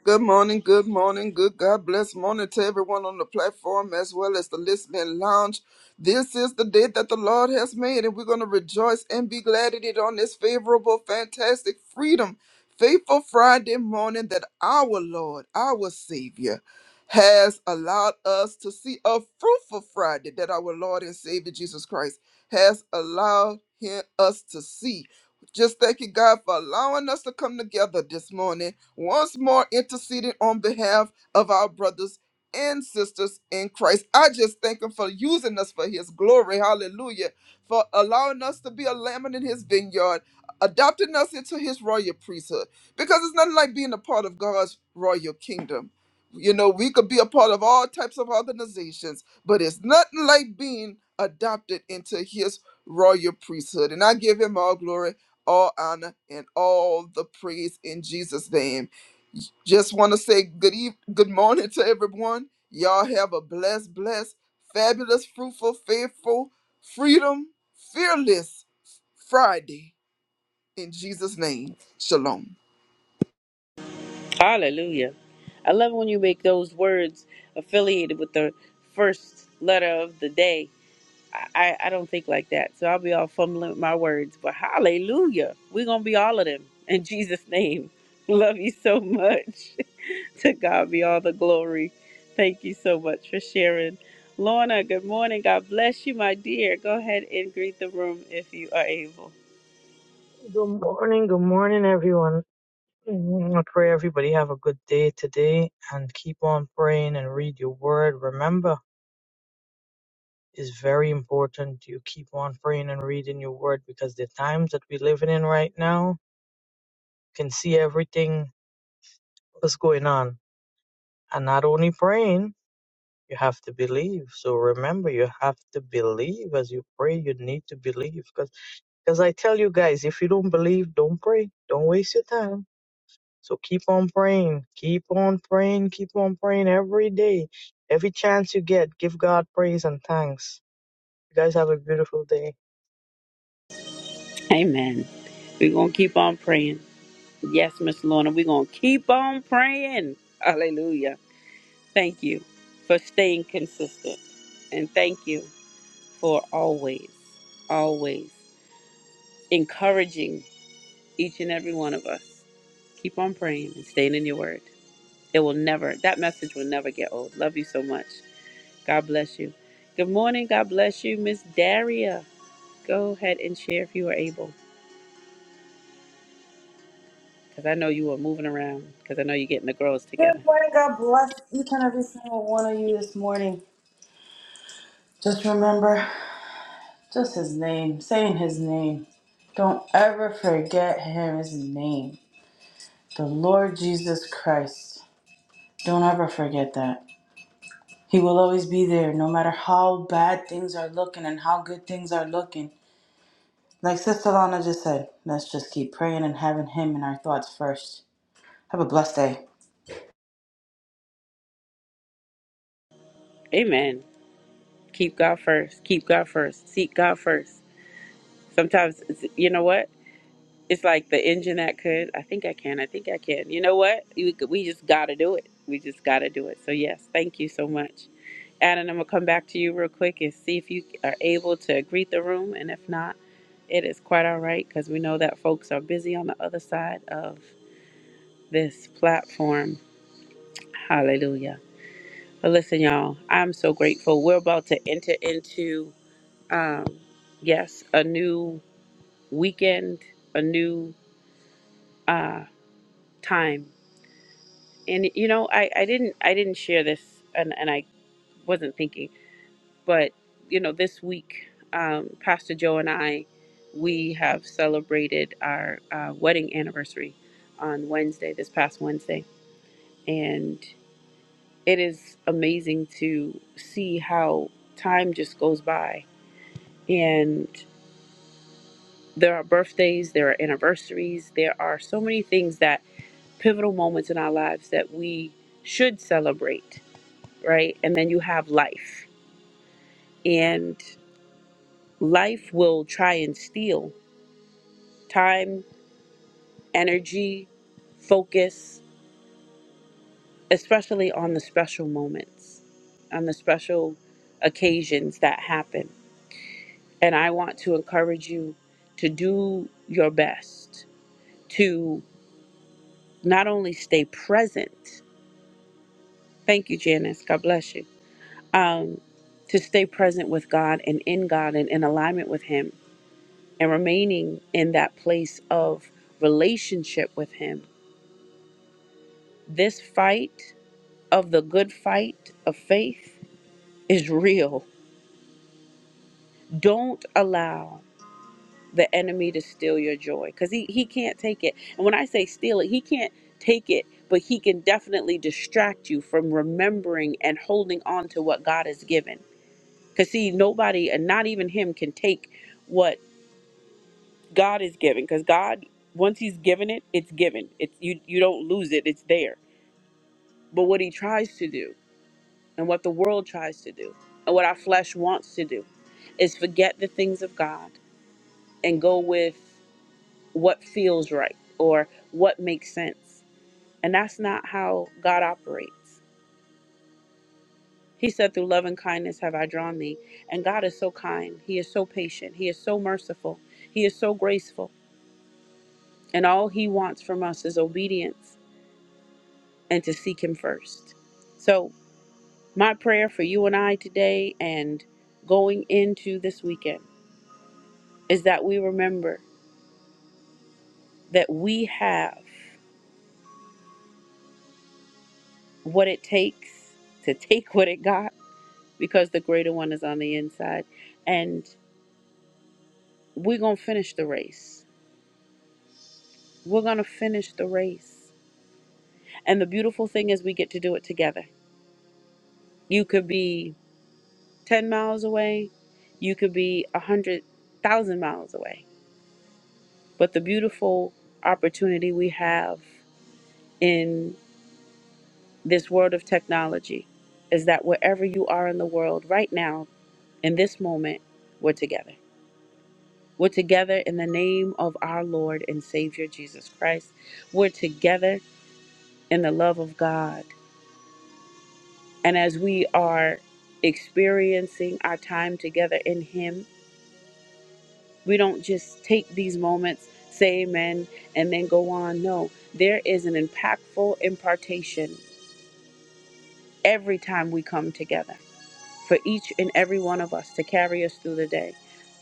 Speaker 4: Good morning, good morning, good God bless morning to everyone on the platform as well as the listening lounge. This is the day that the Lord has made, and we're going to rejoice and be glad in it on this favorable, fantastic freedom, faithful Friday morning that our Lord, our Savior, has allowed us to see a fruitful Friday that our Lord and Savior Jesus Christ has allowed him, us to see. Just thank you, God, for allowing us to come together this morning once more interceding on behalf of our brothers and sisters in Christ. I just thank Him for using us for His glory. Hallelujah. For allowing us to be a lamb in His vineyard, adopting us into His royal priesthood. Because it's nothing like being a part of God's royal kingdom. You know, we could be a part of all types of organizations, but it's nothing like being adopted into His royal priesthood. And I give Him all glory all honor, and all the praise in Jesus' name. Just want to say good eve- good morning to everyone. Y'all have a blessed, blessed, fabulous, fruitful, faithful, freedom, fearless Friday in Jesus' name. Shalom.
Speaker 1: Hallelujah. I love when you make those words affiliated with the first letter of the day I, I don't think like that. So I'll be all fumbling with my words. But hallelujah. We're going to be all of them in Jesus' name. Love you so much. to God be all the glory. Thank you so much for sharing. Lorna, good morning. God bless you, my dear. Go ahead and greet the room if you are able.
Speaker 3: Good morning. Good morning, everyone. Mm, I pray everybody have a good day today and keep on praying and read your word. Remember, it's very important you keep on praying and reading your word because the times that we're living in right now can see everything that's going on. And not only praying, you have to believe. So remember, you have to believe as you pray. You need to believe because, because I tell you guys, if you don't believe, don't pray. Don't waste your time. So keep on praying, keep on praying, keep on praying every day. Every chance you get, give God praise and thanks. You guys have a beautiful day.
Speaker 1: Amen. We're going to keep on praying. Yes, Miss Lorna, we're going to keep on praying. Hallelujah. Thank you for staying consistent. And thank you. for always, always encouraging each and every one of us. Keep on praying and staying in your word. It will never, that message will never get old. Love you so much. God bless you. Good morning. God bless you, Miss Daria. Go ahead and share if you are able, because I know you are moving around, because I know you're getting the girls
Speaker 5: Good
Speaker 1: together.
Speaker 5: morning. God bless each and every single one of you this morning. Just remember, just his name, saying his name. Don't ever forget his name. The Lord Jesus Christ. Don't ever forget that. He will always be there, no matter how bad things are looking and how good things are looking. Like Sister Lana just said, let's just keep praying and having him in our thoughts first. Have a blessed day.
Speaker 1: Amen. Keep God first. Keep God first. Seek God first. Sometimes, it's- you know what? It's like the engine that could. I think I can. I think I can. You know what? We, we just got to do it. We just got to do it. So, yes, thank you so much. Adam, I'm going to come back to you real quick and see if you are able to greet the room. And if not, it is quite all right because we know that folks are busy on the other side of this platform. Hallelujah. But listen, y'all, I'm so grateful. We're about to enter into, um, yes, a new weekend, a new uh, time And you know, I, I didn't I didn't share this and, and I wasn't thinking, but you know, this week, um, Pastor Joe and I we have celebrated our uh, wedding anniversary on Wednesday, this past Wednesday. And it is amazing to see how time just goes by. And there are birthdays, there are anniversaries, there are so many things that pivotal moments in our lives that we should celebrate right? And then you have life. And life will try and steal time, energy, focus, especially on the special moments, on the special occasions that happen. And I want to encourage you to do your best to not only stay present, thank you, Janice, God bless you, um, to stay present with God and in God and in alignment with Him and remaining in that place of relationship with Him. This fight of the good fight of faith is real. Don't allow the enemy to steal your joy because he, he can't take it. And when I say steal it, he can't take it, but he can definitely distract you from remembering and holding on to what God has given. Because, see, nobody, and not even him, can take what God is given. because God once he's given it it's given it's you you don't lose it it's there but what he tries to do and what the world tries to do and what our flesh wants to do is forget the things of God and go with what feels right or what makes sense. And that's not how God operates. He said, Through love and kindness have I drawn thee. And God is so kind. He is so patient. He is so merciful. He is so graceful. And all he wants from us is obedience and to seek him first. So My prayer for you and I today and going into this weekend is that we remember that we have what it takes to take what it got because the greater one is on the inside. And we're going to finish the race. We're going to finish the race. And the beautiful thing is, we get to do it together. You could be 10 miles away, you could be a 100,000 miles away. But the beautiful opportunity we have in this world of technology is that wherever you are in the world right now, in this moment, we're together. We're together in the name of our Lord and Savior Jesus Christ. We're together in the love of God. And as we are experiencing our time together in Him, we don't just take these moments, say amen, and then go on. No, there is an impactful impartation every time we come together. for each and every one of us to carry us through the day.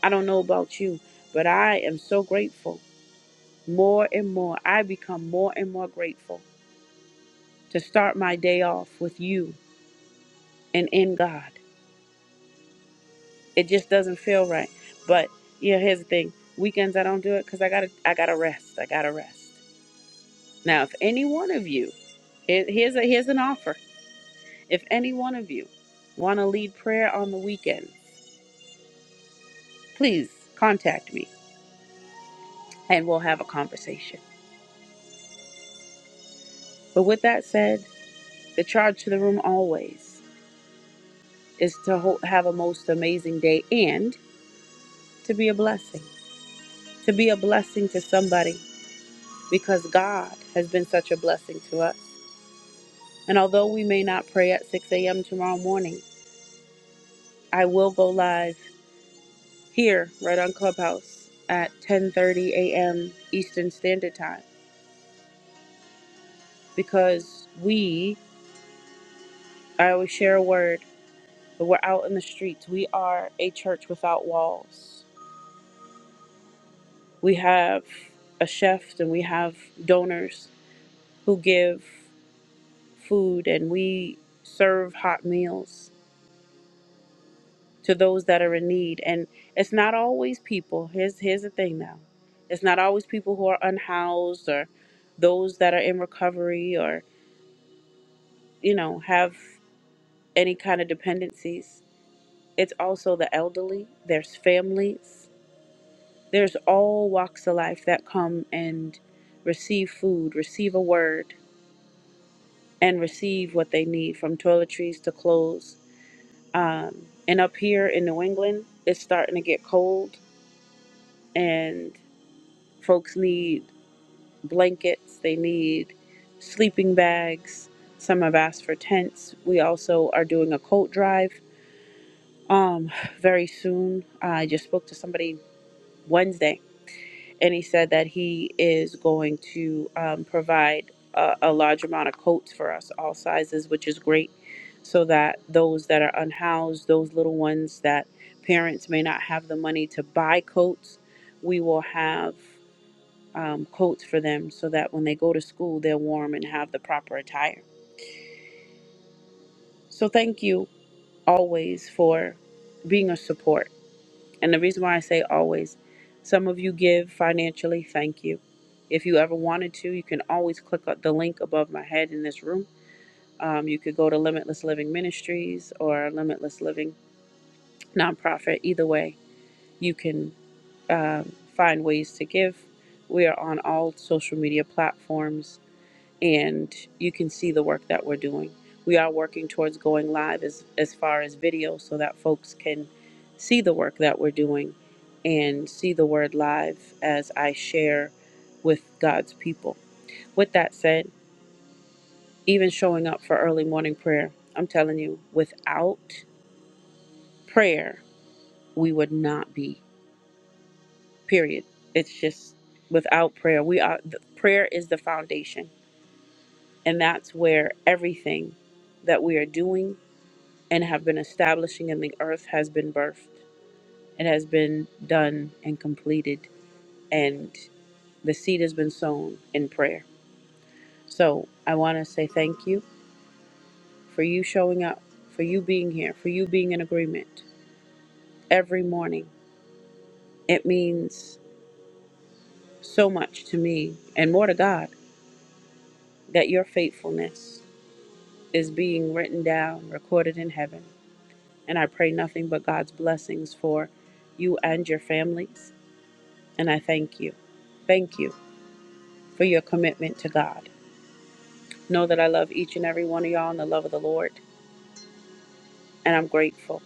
Speaker 1: I don't know about you, but I am so grateful. More and more, I become more and more grateful to start my day off with you and in God. It just doesn't feel right. But yeah, here's the thing: weekends I don't do it because I gotta, I gotta rest. I gotta rest. Now, if any one of you, here- here's a here's an offer. If any one of you want to lead prayer on the weekends, please contact me and we'll have a conversation. But with that said, the charge to the room always is to ho- have a most amazing day and to be a blessing. To be a blessing to somebody because God has been such a blessing to us. And although we may not pray at 6 a.m. tomorrow morning, I will go live here right on Clubhouse at 10:30 a.m. Eastern Standard Time because we I always share a word, but we're out in the streets. We are a church without walls. We have a chef and we have donors who give food and we serve hot meals to those that are in need. And it's not always people. Here's here's the thing now. It's not always people who are unhoused or those that are in recovery or, you know, have any kind of dependencies. It's also the elderly, there's families, there's all walks of life that come and receive food, receive a word, and receive what they need from toiletries to clothes. Um, and up here in New England, it's starting to get cold, and folks need blankets, they need sleeping bags. Some have asked for tents. We also are doing a coat drive um, very soon. I just spoke to somebody Wednesday and he said that he is going to um, provide a, a large amount of coats for us, all sizes, which is great, so that those that are unhoused, those little ones that parents may not have the money to buy coats, we will have um, coats for them so that when they go to school, they're warm and have the proper attire. So, thank you always for being a support. And the reason why I say always, some of you give financially, thank you. If you ever wanted to, you can always click up the link above my head in this room. Um, you could go to Limitless Living Ministries or Limitless Living Nonprofit. Either way, you can um, find ways to give. We are on all social media platforms and you can see the work that we're doing. We are working towards going live as, as far as video so that folks can see the work that we're doing and see the word live as I share with God's people. With that said, even showing up for early morning prayer, I'm telling you, without prayer, we would not be, period. It's just without prayer, we are, the, prayer is the foundation. And that's where everything that we are doing and have been establishing in the earth has been birthed. It has been done and completed, and the seed has been sown in prayer. So I want to say thank you for you showing up, for you being here, for you being in agreement every morning. It means so much to me and more to God that your faithfulness is being written down, recorded in heaven. And I pray nothing but God's blessings for you and your families. And I thank you. Thank you for your commitment to God. Know that I love each and every one of y'all in the love of the Lord, and I'm grateful.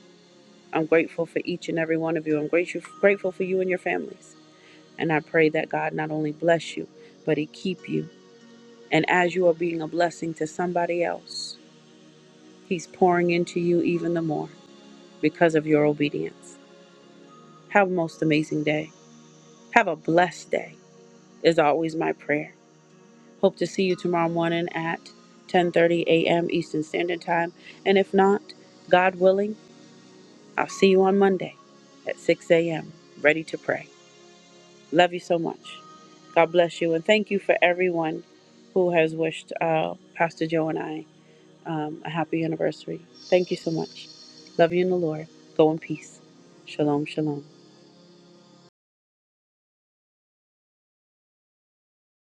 Speaker 1: I'm grateful for each and every one of you. I'm grateful grateful for you and your families. And I pray that God not only bless you, but He keep you. And as you are being a blessing to somebody else, He's pouring into you even the more because of your obedience. Have a most amazing day. Have a blessed day, is always my prayer. Hope to see you tomorrow morning at 10:30 a.m. Eastern Standard Time, and if not, God willing, I'll see you on Monday at 6 a.m. ready to pray. Love you so much. God bless you, and thank you for everyone who has wished uh, Pastor Joe and I um, a happy anniversary. Thank you so much. Love you in the Lord. Go in peace. Shalom, shalom.